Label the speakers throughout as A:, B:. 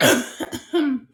A: oh,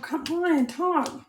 A: come on, talk.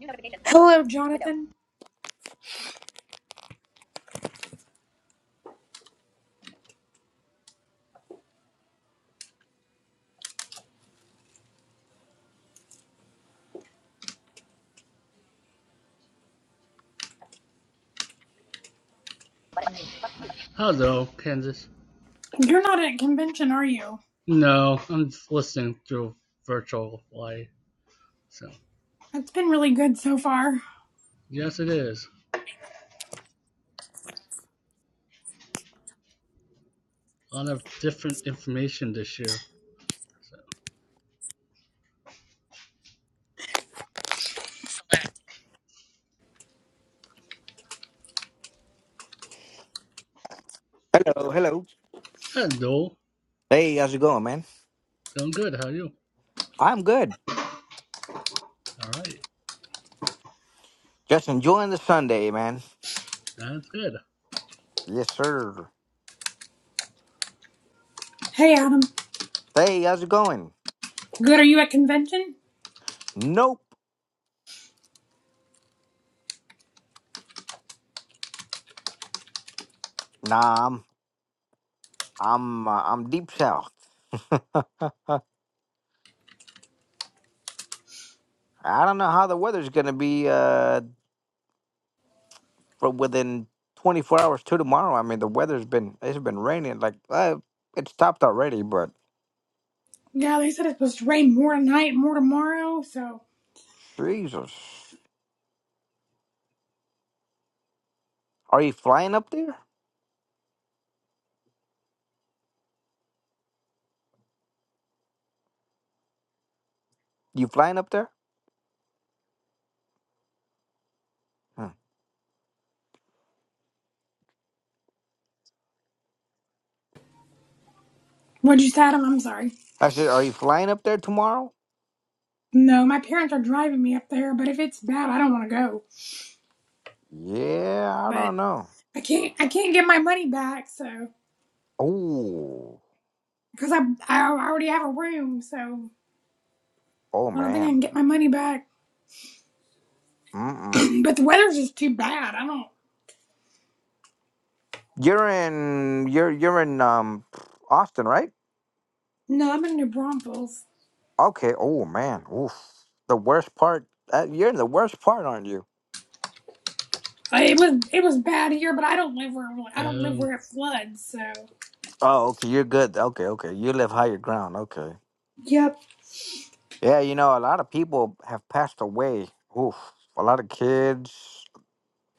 B: New notifications. One total.
A: Hello,
B: Window.
A: Jonathan.
B: Button. Hello, Kansas.
A: You're not at convention, are you?
B: No, I'm just listening through virtual light. So
A: It's been really good so far.
B: yes, it is a lot of different information this year. So
C: Hello, hello.
B: hello,
C: Hey, how's it going, man?
B: doing good. How are you?
C: I'm good.
B: All right,
C: Just enjoying the Sunday, man.
B: that's good.
C: Yes, sir.
A: Hey, Adam.
C: Hey, how's it going?
A: Good, are you at convention?
C: Nope. Nah, I'm I'm uh, I'm deep south. I don't know how the weather's gonna be uh for within 24 hours to tomorrow. I mean, the weather's been it's been raining like uh, it stopped already, but
A: Yeah, they said it's supposed to rain more tonight, more tomorrow, so.
C: Jesus, are you flying up there? You flying up there? Hmm.
A: What'd you say, Adam? I'm sorry.
C: I said, are you flying up there tomorrow?
A: No, my parents are driving me up there, but if it's bad, I don't want to go.
C: Yeah, I
A: But
C: don't know.
A: I can't, I can't get my money back, so.
C: Oh.
A: Because I, I already have a room, so
C: Oh
A: I don't think I
C: man.
A: can get my money back.
C: Mm-mm.
A: But the weather's just too bad. I don't.
C: You're in you're you're in um Austin, right?
A: No, I'm in New Braunfels.
C: Okay. Oh man. Oof. The worst part. Uh, you're in the worst part, aren't you?
A: I- It was it was bad here, but I don't live where I don't live
B: Um,
A: where it floods. So.
C: Oh, okay. You're good. Okay, okay. You live higher ground. Okay.
A: Yep.
C: Yeah, you know, a lot of people have passed away. Oof. A lot of kids.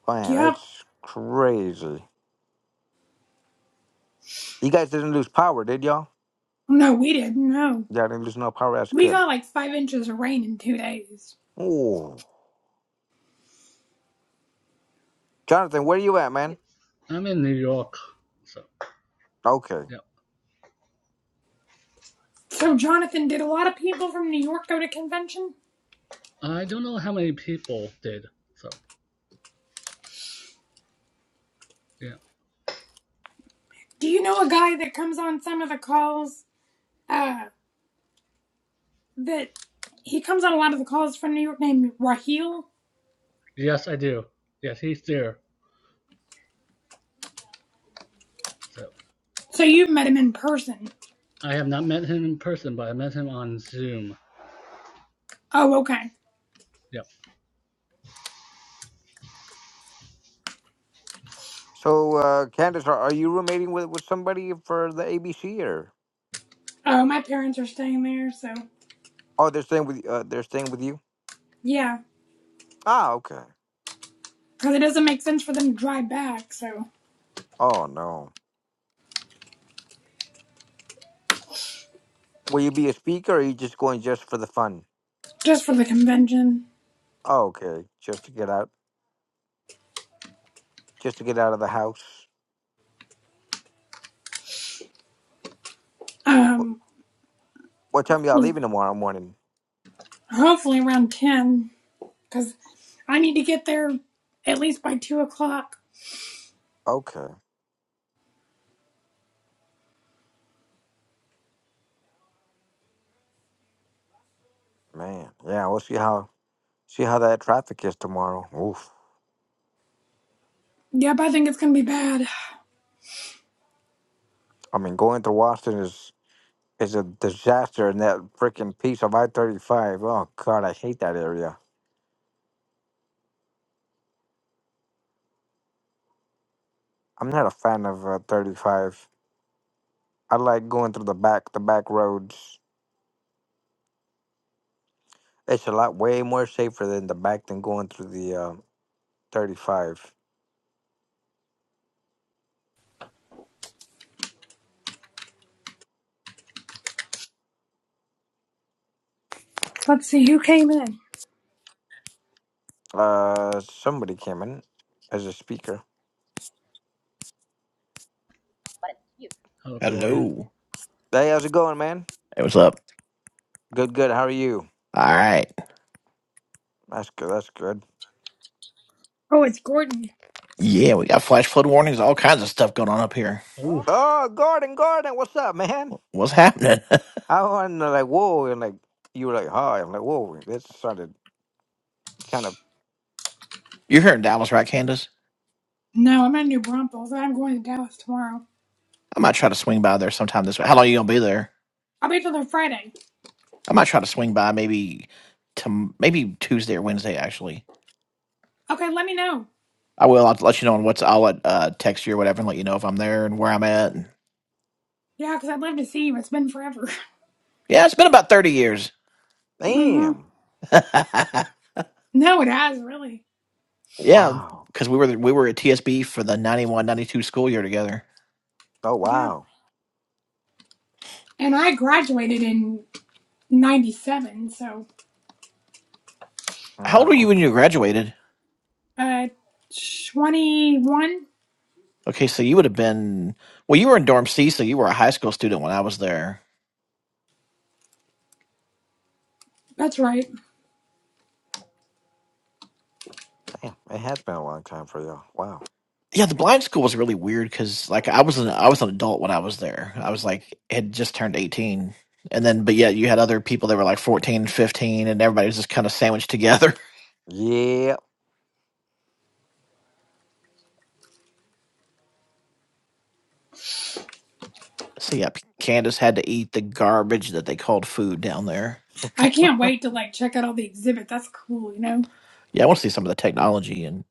C: Man,
A: Yep.
C: it's crazy. You guys didn't lose power, did y'all?
A: No, we didn't. No,
C: Yeah, I didn't lose no power. That's
A: we
C: good.
A: got like five inches of rain in two days.
C: Ooh. Jonathan, where you at,
B: You.
C: man?
B: I'm in New York. So
C: Okay.
B: yeah,
A: So Jonathan, did a lot of people from New York go to convention?
B: I don't know how many people did. So yeah,
A: Do you know a guy that comes on some of the calls? Uh, that he comes on a lot of the calls from New York named Raheel.
B: yes, I do. Yes, he's there. So
A: So you've met him in person.
B: I have not met him in person, but I met him on Zoom.
A: Oh, okay.
B: Yeah.
C: So, uh, Candace, are, are you roommating with, with somebody for the ABC or?
A: Oh, my parents are staying there, so
C: Oh, they're staying with uh, they're staying with you.
A: yeah.
C: Ah, okay.
A: because it doesn't make sense for them to drive back. So
C: Oh no. Will you be a speaker, or are you just going just for the fun?
A: just for the convention,
C: Oh, okay, just to get out, just to get out of the house. What,
A: um,
C: what time y'all
A: well,
C: leaving tomorrow morning?
A: hopefully around ten, because I need to get there at least by two o'clock.
C: Okay, man. Yeah, we'll see how see how that traffic is tomorrow. Oof.
A: Yep, I think it's gonna be bad.
C: I mean, going through Washington is is a disaster, and that freaking piece of I thirty five. Oh God, I hate that area. I'm not a fan of uh, 35. I like going through the back, the back roads. It's a lot way more safer than the back than going through the uh, 35.
A: Let's see who came in.
C: Uh, somebody came in as a speaker.
B: Oh, Gordon.
D: Hello.
C: Hey, how's it going, man?
D: Hey, what's up?
C: Good, good. How are you?
D: All right.
C: That's good. That's good.
A: Oh, it's Gordon.
D: Yeah, we got flash flood warnings, all kinds of stuff going on up
B: You.
D: here.
B: Oof.
C: Oh, Gordon, Gordon, what's up, man?
D: What's happening?
C: How and they like, whoa, and like you were like, hi. I'm like, whoa, that sounded kind of
D: You're here in Dallas, right, Candace?
A: No, I'm at New Braunfels. I'm going to Dallas tomorrow.
D: I might try to swing by there sometime this week. How long you gonna be there?
A: I'll be till there Friday.
D: I might try to swing by maybe to maybe Tuesday or Wednesday. Actually,
A: Okay, let me know.
D: I will. I'll let you know on what's. I'll let, uh, text you or whatever and let you know if I'm there and where I'm at. And,
A: Yeah, because 'cause I'd love to see you. It's been forever.
D: yeah, it's been about thirty years.
A: mm hmm
C: damn.
A: No, it has really.
D: yeah,
C: Wow.
D: because we were we were at TSB for the ninety one ninety two school year together.
C: Oh
A: Yeah,
C: wow.
A: and I graduated in '97, so.
D: How old
C: Ah,
D: were you when
C: okay.
D: you graduated?
A: Uh, 21?
D: Okay, so you would have been well. You were in dorm C, so you were a high school student when I was there.
A: That's right.
C: Damn, it has been a long time for y'all. Wow.
D: Yeah, the blind school was really weird because like I was an I was an adult when I was there. I was like had just turned eighteen, and then but yeah, you had other people that were like 14 and 15, and everybody was just kind of sandwiched together.
C: Yeah.
D: So yeah, Candace had to eat the garbage that they called food down there.
A: I can't wait to like check out all the exhibits. That's cool, you know?
D: Yeah, I want to see some of the technology and.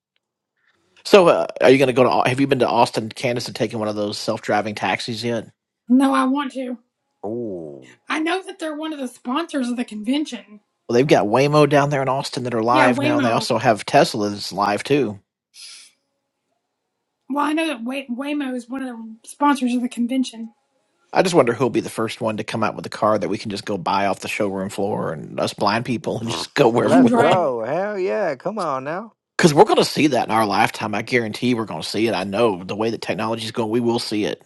D: So, uh, are you going to go to? Au- Have you been to Austin, Candace, and taken one of those self-driving taxis yet?
A: No, I want to.
C: Oh.
A: I know that they're one of the sponsors of the convention.
D: Well, they've got Waymo down there in Austin that are
A: Yeah,
D: live now, and they
A: Waymo.
D: also have Teslas live too.
A: Well, I know that Way- Waymo is one of the sponsors of the convention.
D: I just wonder who'll be the first one to come out with a car that we can just go buy off the showroom floor and us blind people and just go wherever
A: Can
C: Let's
D: we want.
A: drive it.
C: go. Hell yeah. Come on now.
D: Because we're going to see that in our lifetime. I guarantee we're going to see it. I know the way that technology is going, we will see it.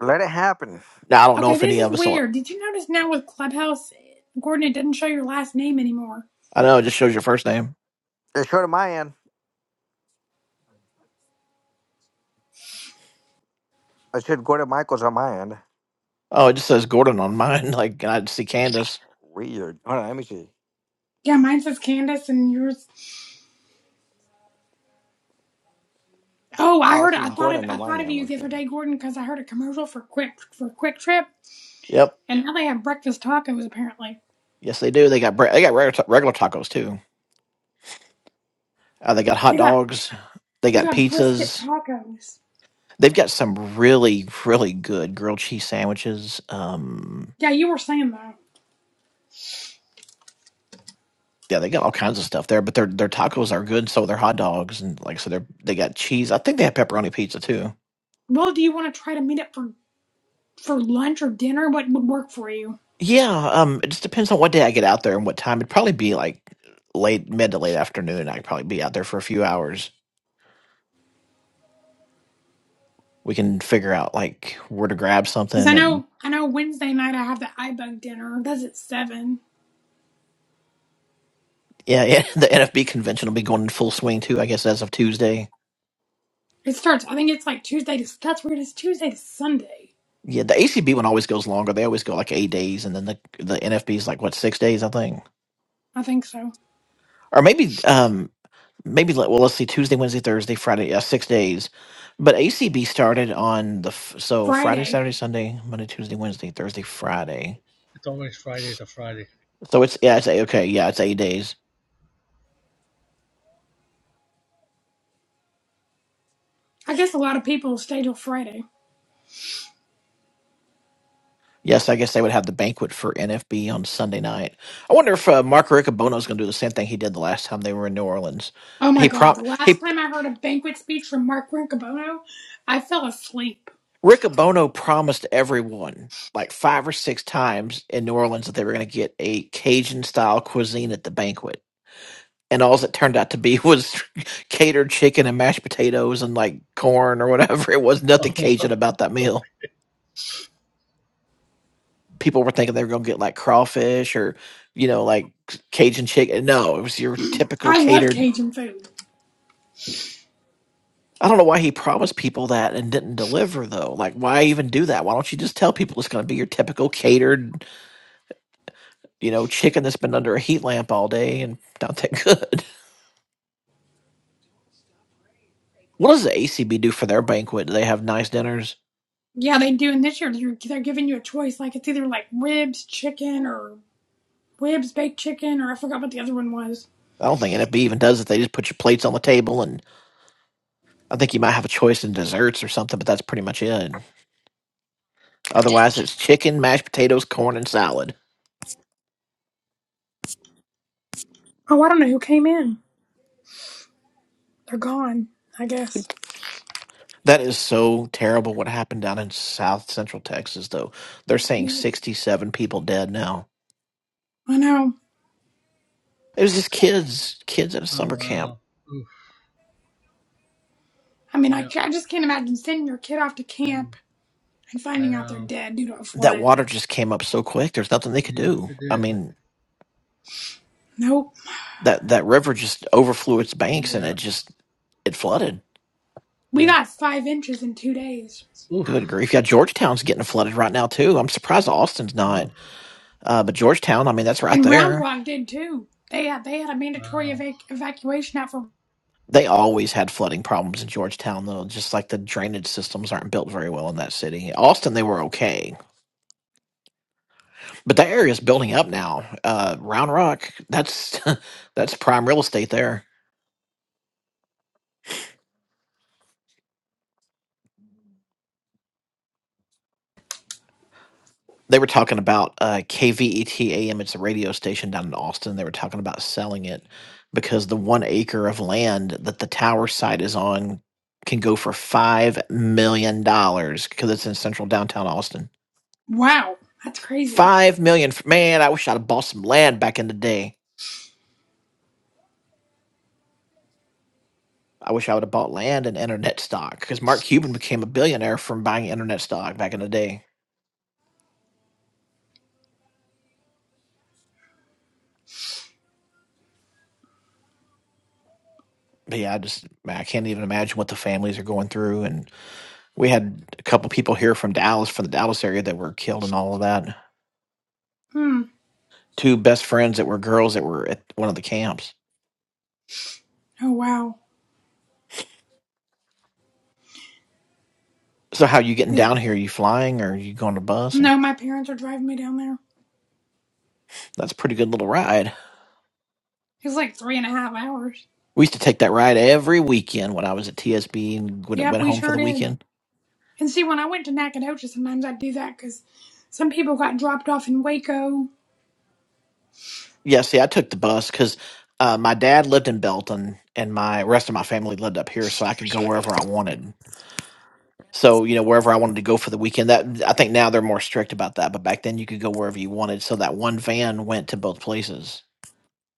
C: Let it happen.
D: Now, I don't know
A: Okay,
D: if
A: this
D: any
A: is
D: of us will.
A: weird. Did you notice now with Clubhouse, Gordon, it doesn't show your last name anymore.
D: I know it just shows your first name.
C: It's short of my end. It should Gordon Michaels on my end.
D: Oh, it just says Gordon on mine. Like, and I just see Candace.
C: Weird. Hold on, let me see.
A: Yeah, mine says Candace and yours. Oh, I
C: Oh,
A: heard. I
C: she's
A: thought of.
C: Gordon on
A: I
C: my
A: thought of
C: end.
A: you the other
C: Okay.
A: day, Gordon, because I heard a commercial for Quick for Quick Trip,
D: Yep.
A: And now they have breakfast tacos apparently.
D: Yes, they do. They got bre- they got regular, ta- regular tacos too. Uh, they got
A: They
D: hot
A: got
D: dogs. They
A: they
D: got
A: got brisket
D: pizzas.
A: tacos.
D: They've got some really, really good grilled cheese sandwiches. Um,
A: Yeah, you were saying though.
D: yeah, they got all kinds of stuff there, but their their tacos are good. So are their hot dogs and like so they're they got cheese. I think they have pepperoni pizza too.
A: Well, do you want to try to meet up for for lunch or dinner? What would work for you?
D: Yeah, um, it just depends on what day I get out there and what time. It'd probably be like late mid to late afternoon. I'd probably be out there for a few hours. We can figure out like where to grab
A: Because I
D: something and
A: know I know Wednesday night I have the iBug dinner. That's at seven.
D: yeah, yeah. The NFB convention will be going in full swing too. I guess as of Tuesday.
A: It starts. I think it's like Tuesday to. That's weird. It's Tuesday to Sunday.
D: Yeah, the ACB one always goes longer. They always go like eight days, and then the the NFB is like what six days, I think,
A: I think so.
D: or maybe um maybe like well let's see Tuesday, Wednesday, Thursday, Friday, yeah, six days. But ACB started on the f- so Friday,
A: Friday.
D: Saturday, Sunday, Monday, Tuesday, Wednesday, Thursday, Friday.
B: It's always Friday to Friday.
D: So it's yeah, it's eight, okay, yeah, it's eight days.
A: I guess a lot of people stay till Friday.
D: Yes, I guess they would have the banquet for NFB on Sunday night. I wonder if uh, Mark Riccobono is going to do the same thing he did the last time they were in New Orleans.
A: Oh my
D: He
A: God! The
D: prop
A: last
D: he
A: time I heard a banquet speech from Mark Rincobono, I fell asleep.
D: Riccobono promised everyone like five or six times in New Orleans that they were going to get a Cajun style cuisine at the banquet. And all it turned out to be was catered chicken and mashed potatoes and like corn or whatever. It was
B: Oh,
D: nothing
B: wow.
D: Cajun about that meal. People were thinking they were going to get like crawfish or, you know, like Cajun chicken. No, it was your typical
A: I love
D: catered.
A: Cajun food.
D: I don't know why he promised people that and didn't deliver though. Like, why even do that? Why don't you just tell people it's going to be your typical catered you know, chicken that's been under a heat lamp all day and not that good. What does the ACB do for their banquet? Do they have nice dinners?
A: Yeah, they do. And this year they're, they're giving you a choice. Like it's either like ribs, chicken, or ribs, baked chicken, or I forgot what the other one was.
D: I don't think NFB even does it. They just put your plates on the table, and I think you might have a choice in desserts or something, but that's pretty much it. Otherwise, it's chicken, mashed potatoes, corn, and salad.
A: Oh, I don't know who came in. They're gone, I guess.
D: That is so terrible what happened down in South Central Texas, though. They're saying
A: Yeah.
D: 67 people dead now.
A: I know.
D: It was just kids, kids at a
B: Oh,
D: summer camp.
B: wow. Oof.
A: I mean, I,
B: Yeah.
A: ca- I just can't imagine sending your kid off to
B: I,
A: camp and
B: I
A: finding out they're
B: know.
A: dead due to a
D: That
A: flood.
D: water just came up so quick, there's nothing they could
B: Yes,
D: do.
B: it
D: I
B: did.
D: mean,
A: Nope.
D: that that river just overflew its banks and
B: Yeah.
D: it just it flooded.
A: We
B: Yeah.
A: got five inches in two days.
D: Good
B: Oof.
D: grief! Yeah, Georgetown's getting flooded right now too. I'm surprised Austin's not,
B: Oof.
D: uh, but Georgetown, I mean, that's right
A: And Round
D: there.
A: Rock did too. They had, they had a mandatory
B: Wow.
A: evac- evacuation out for.
D: They always had flooding problems in Georgetown, though. Just like the drainage systems aren't built very well in that city. Austin, they were okay, but that area's building up now. Uh, Round Rock, that's that's prime real estate there. They were talking about uh, KVET It's a radio station down in Austin. They were talking about selling it because the one acre of land that the tower site is on can go for five million dollars because it's in central downtown Austin.
A: Wow. That's crazy.
D: Five million, f- man! I wish I'd have bought some land back in the day. I wish I would have bought land and internet stock because Mark Cuban became a billionaire from buying internet stock back in the day. But yeah, I just I can't even imagine what the families are going through and We had a couple people here from Dallas, from the Dallas area, that were killed and all of that.
A: Hmm.
D: Two best friends that were girls that were at one of the camps.
A: Oh, wow.
D: So, how you getting
A: Is-
D: down here? Are you flying or are you going to bus? Or
A: No, my parents are driving me down there.
D: that's a pretty good little ride.
A: It was like three and a half hours.
D: We used to take that ride every weekend when I was at TSB and when it
A: Yep,
D: went
A: we
D: home for
A: sure
D: the
A: did.
D: weekend.
A: And see, when I went to Nacogdoches, sometimes I'd do that because some people got dropped off in Waco.
D: Yeah, see, I took the bus because uh, my dad lived in Belton and my rest of my family lived up here, so I could go wherever I wanted. So, you know, wherever I wanted to go for the weekend, that I think now they're more strict about that, but back then you could go wherever you wanted. So that one van went to both places.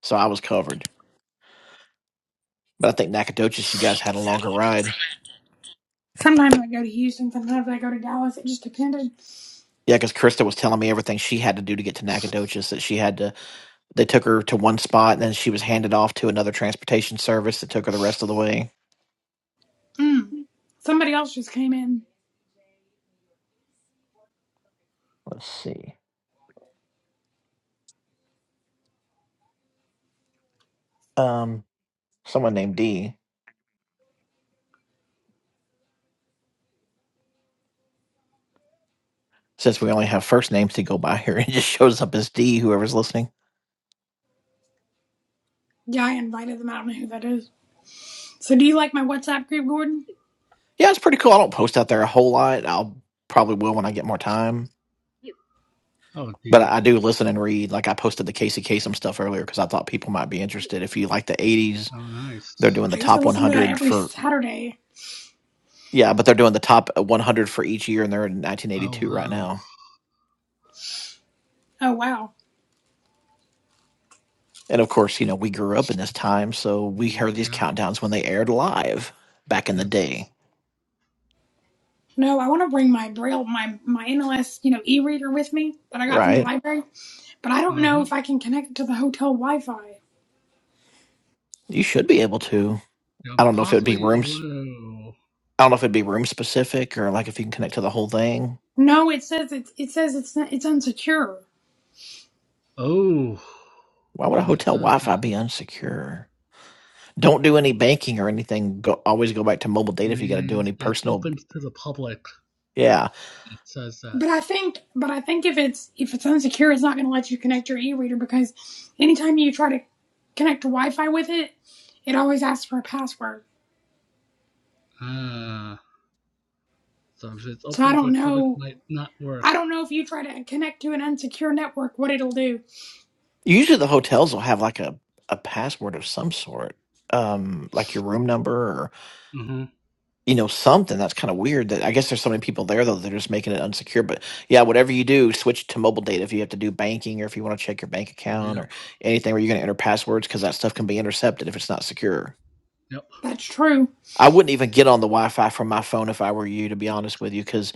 D: So I was covered. But I think Nacogdoches, you guys had a longer ride.
A: Sometimes I go to Houston, sometimes I go to Dallas. It just depended.
D: Yeah, because Krista was telling me everything she had to do to get to Nacogdoches, that she had to, they took her to one spot and then she was handed off to another transportation service that took her the rest of the way.
A: Mm. Somebody else just came in.
D: Let's see. Um, someone named D, since we only have first names to go by here, it just shows up as D, whoever's listening.
A: Yeah, I invited them. I don't know who that is. So, do you like my WhatsApp group, Gordon?
B: You.
D: Yeah, it's pretty cool. I don't post out there a whole lot. I'll probably will when I get more time.
B: You. Oh,
D: But I
B: D.
D: I do listen and read. Like I posted the Casey Kasem stuff earlier because I thought people might be
B: You.
D: interested. If you like the '80s,
B: Oh, nice.
D: they're doing the
A: I used to
D: top
A: listen to that
D: 100
A: every
D: for
A: Saturday.
D: yeah, but they're doing the top 100 for each year, and they're in
B: Oh,
D: 1982 right
B: wow.
D: now.
A: Oh wow.
D: And of course, you know we grew up in this time, so we heard these
B: Yeah.
D: countdowns when they aired live back in the
B: Yes.
D: day,
A: No, I want to bring my braille, my my NLS, you know, e-reader with me that I got from the
D: right?
A: library, but I don't
B: uh
A: know
B: huh.
A: if I can connect it to the hotel Wi-Fi.
D: You should be able to.
B: Yeah,
D: I don't know if it would be
B: possibly,
D: rooms.
B: whoa.
D: I don't know if it'd be room specific or like if you can connect to the whole thing
A: No, it says it. it says it's not, it's unsecure.
B: Oh.
D: Why would a
B: When it
D: hotel
B: does
D: Wi-Fi
B: that,
D: be unsecure? Don't do any banking or anything. Go, always go back to mobile data if you got to do
B: means
D: any
B: it's
D: personal.
B: open to the public.
D: Yeah,
B: It says that.
A: But I think but I think if it's if it's unsecure, it's not going to let you connect your e-reader because anytime you try to connect to Wi-Fi with it, it always asks for a password.
B: Ah. So it's
A: So I
B: open to
A: don't
B: the public
A: know.
B: might not
A: I
B: work.
A: don't know if you try to connect to an unsecure network, what it'll do.
D: usually the hotels will have like a a password of some sort, um, like your room number or
B: Mm-hmm.
D: you know something. That's kind of weird. That I guess there's so many people there though. They're just making it unsecure. But yeah, whatever you do, switch to mobile data if you have to do banking or if you want to check your bank account or
B: Yep.
D: anything where you're going to enter passwords because that stuff can be intercepted if it's not secure.
B: Yep.
A: That's true.
D: I wouldn't even get on the Wi-Fi from my phone if I were you, to be honest with you, because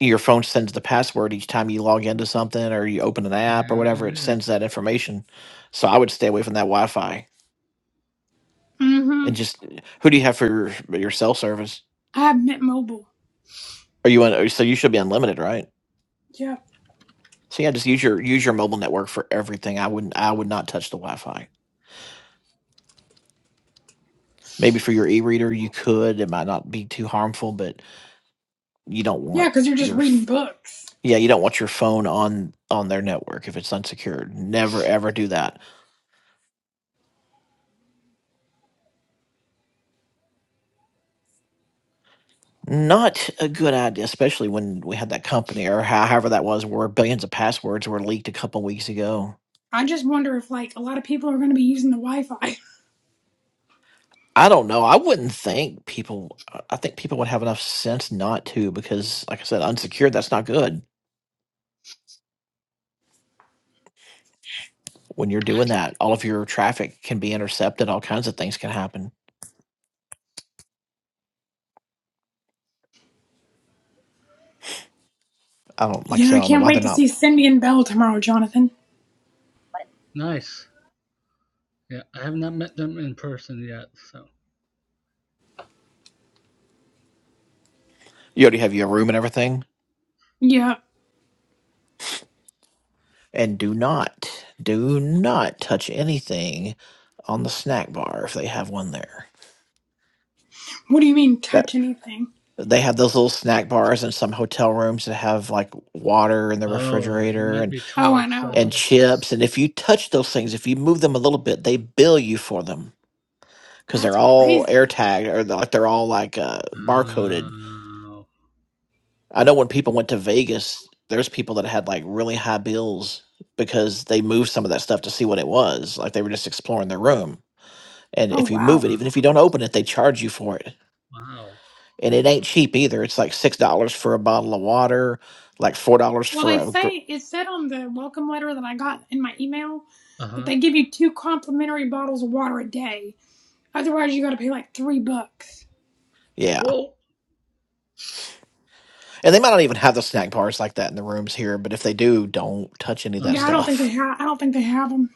D: your phone sends the password each time you log into something or you open an app or
B: Yeah,
D: whatever it
B: it is.
D: sends that information so i would stay away from that wi-fi
A: Mm-hmm.
D: and just who do you have for your, your cell service
A: I have Mint Mobile.
D: are you on so you should be unlimited right
A: Yeah.
D: so yeah just use your use your mobile network for everything i wouldn't i would not touch the wi-fi maybe for your e-reader you could it might not be too harmful but you don't
A: Yeah,
D: want
A: because you're just
D: your
A: reading
D: f-
A: books.
D: yeah you don't want your phone on on their network if it's unsecured never ever do that Not a good idea, especially when we had that company or how- however that was, where billions of passwords were leaked a couple weeks ago.
A: I just wonder if like a lot of people are going to be using the Wi-Fi.
D: I don't know. I wouldn't think people. I I think people would have enough sense not to, because, like I said, unsecured. That's not good. When you're doing that, all of your traffic can be intercepted. All kinds of things can happen. I don't. Like I
A: Yeah,
D: said,
A: I
D: I don't know
A: can't
D: why
A: wait
D: they're
A: to
D: not.
A: see Cindy and Belle tomorrow, Jonathan.
B: But- Nice. Yeah, I have not met them in person yet, so.
D: You already have your room and everything.
A: Yeah.
D: And do not, do not touch anything on the snack bar if they have one there.
A: What do you mean
D: That.
A: touch anything?
D: they have those little snack bars in some hotel rooms that have like water in the
B: Oh, you
D: refrigerator
B: might
D: and
B: be
A: Oh, I
B: charged.
A: know.
B: That's
D: and Mhm.
B: what's.
D: chips and if you touch those things if you move them a little bit they bill you for them because
A: That's
D: they're all
A: crazy.
D: air tagged or they're like they're all like uh, barcoded
B: Oh.
D: i know when people went to vegas there's people that had like really high bills because they moved some of that stuff to see what it was like they were just exploring their room and
A: Oh,
D: if you
B: Uh
D: move
A: wow.
D: it
B: huh.
D: even if you don't open it they charge you for it
B: Wow.
D: and it ain't cheap either. It's like six dollars for a bottle of water, like four dollars
A: Well,
D: for
A: they
D: a gr-
A: say it said on the welcome letter that I got in my email
B: Uh
A: that
B: huh.
A: they give you two complimentary bottles of water a day. Otherwise, you got to pay like three bucks.
D: yeah.
B: Whoa.
D: And they might not even have the snack bars like that in the rooms here, but if they do, don't touch any of
B: Uh
D: that
A: Yeah, I
B: huh.
A: don't think they
D: stuff.
A: have. I don't think they have them.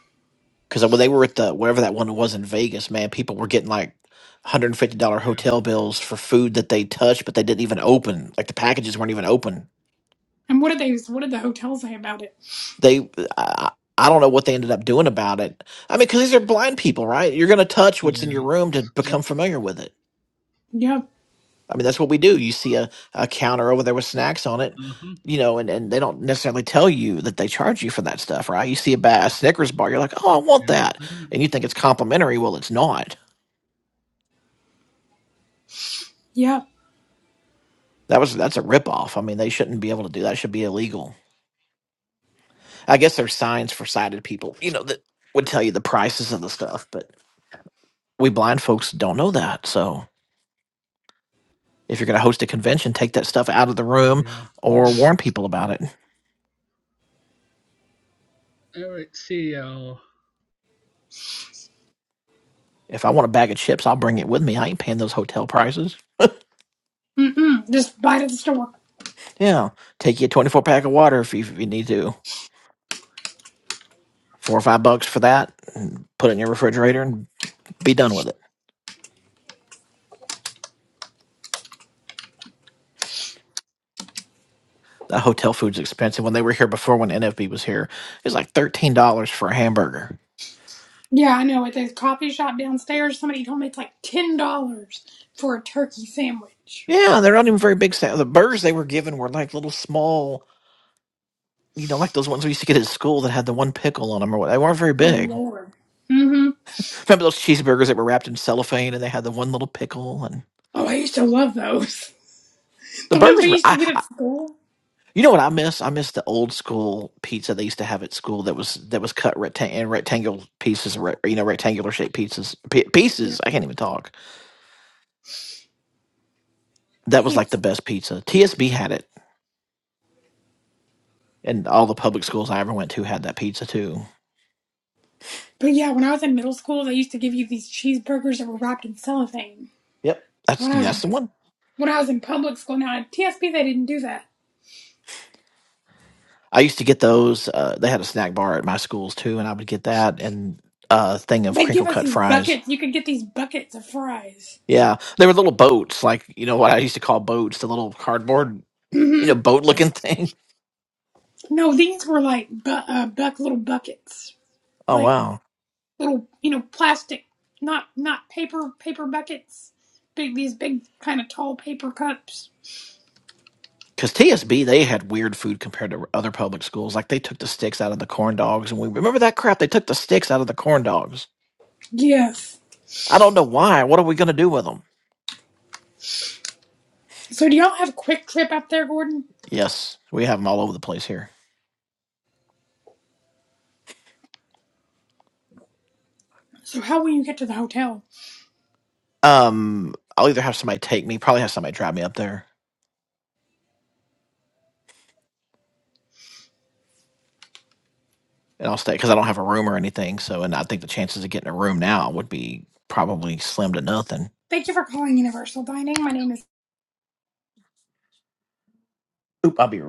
D: Because when they were at the whatever that one was in Vegas, man, people were getting like one hundred and fifty dollar
B: Yeah.
D: hotel bills for food that they touched, but they didn't even open. Like the packages weren't even open.
A: And what did they? What did the hotel say about it?
D: They. I, I don't know what they ended up doing about it. I mean, because these are blind people, right? You're going to touch what's in your
B: Yeah.
D: room to
B: Yep.
D: become familiar with it.
A: Yep,
D: I mean, that's what we do. You see a, a counter over there with snacks on it,
B: Uh huh.
D: you know, and, and they don't necessarily tell you that they charge you for that stuff, right? You see a, ba- a Snickers bar, you're like, oh, I want that.
B: Yeah.
D: And you think it's complimentary. Well, it's not.
A: yep.
D: That was that's a ripoff. I mean, they shouldn't be able to do that. It should be illegal. I guess there's signs for sighted people, you know, that would tell you the prices of the stuff, but we blind folks don't know that. So if you're going to host a convention, take that stuff out of the room
B: Yeah.
D: or warn
B: Yeah.
D: people about it.
B: All right. See y'all.
D: If I want a bag of chips, I'll bring it with me. I ain't paying those hotel prices.
A: Mm mm. Just buy it at the store.
D: Yeah, take you a 24 pack of water if you, if you need to. Four or five bucks for that, and put it in your refrigerator and be done with it. That hotel food's expensive. When they were here before, when NFB was here, it was like $13 for a hamburger.
A: Yeah, I know. At the coffee shop downstairs, somebody told me it's like ten dollars for a turkey sandwich.
D: Yeah, they're not even very big. sa- The burgers they were given were like little small, you know, like those ones we used to get at school that had the one pickle on them or what. They weren't very
A: Oh
D: big.
A: Lord. Mm-hmm.
D: Remember those cheeseburgers that were wrapped in cellophane and they had the one little pickle? And
A: Oh, I used to love those.
D: the
A: the ones we
D: burgers were.
A: used to
D: I,
A: get at school.
D: You know what I miss? I miss the old school pizza they used to have at school that was that was cut rectangle in rectangular pieces, re- you know, rectangular shaped pieces. P-
A: Yeah.
D: pieces. I can't even talk. That was like
A: Peeps.
D: the best pizza. TSB had it, and all the public schools I ever went to had that pizza too.
A: But yeah, when I was in middle school, they used to give you these cheeseburgers that were wrapped in cellophane.
D: Yep, that's
A: When I was
D: that's
A: in,
D: the one.
A: when I was in public school, now at TSP they didn't do that.
D: I used to get those. Uh, they had a snack bar at my schools too, and I would get that and a thing of
A: They'd give
D: crinkle
A: us
D: cut
A: these
D: fries.
A: buckets. You could get these buckets of fries.
D: Yeah, they were little boats, like you know what I used to call boats, the little cardboard, you
A: mm
D: know,
A: hmm
D: boat looking thing.
A: No, these were like bu- uh, buck little buckets,
D: Oh
A: like
D: wow.
A: little you know plastic, not not paper paper buckets. Big these big kind of tall paper cups.
D: Because TSB, they had weird food compared to other public schools. Like they took the sticks out of the corn dogs, and we remember that crap. They took the sticks out of the corn dogs.
A: Yes.
D: I don't know why. What are we gonna do with them?
A: So do y'all have quick trip up there, Gordon?
D: Yes, we have them all over the place here.
A: So how will you get to the hotel?
D: Um, I'll either have somebody take me, probably have somebody drive me up there, and I'll stay because I don't have a room or anything. So, and I think the chances of getting a room now would be probably slim to nothing.
A: Thank you for calling Universal Dining. My name is
D: Oop, I'll be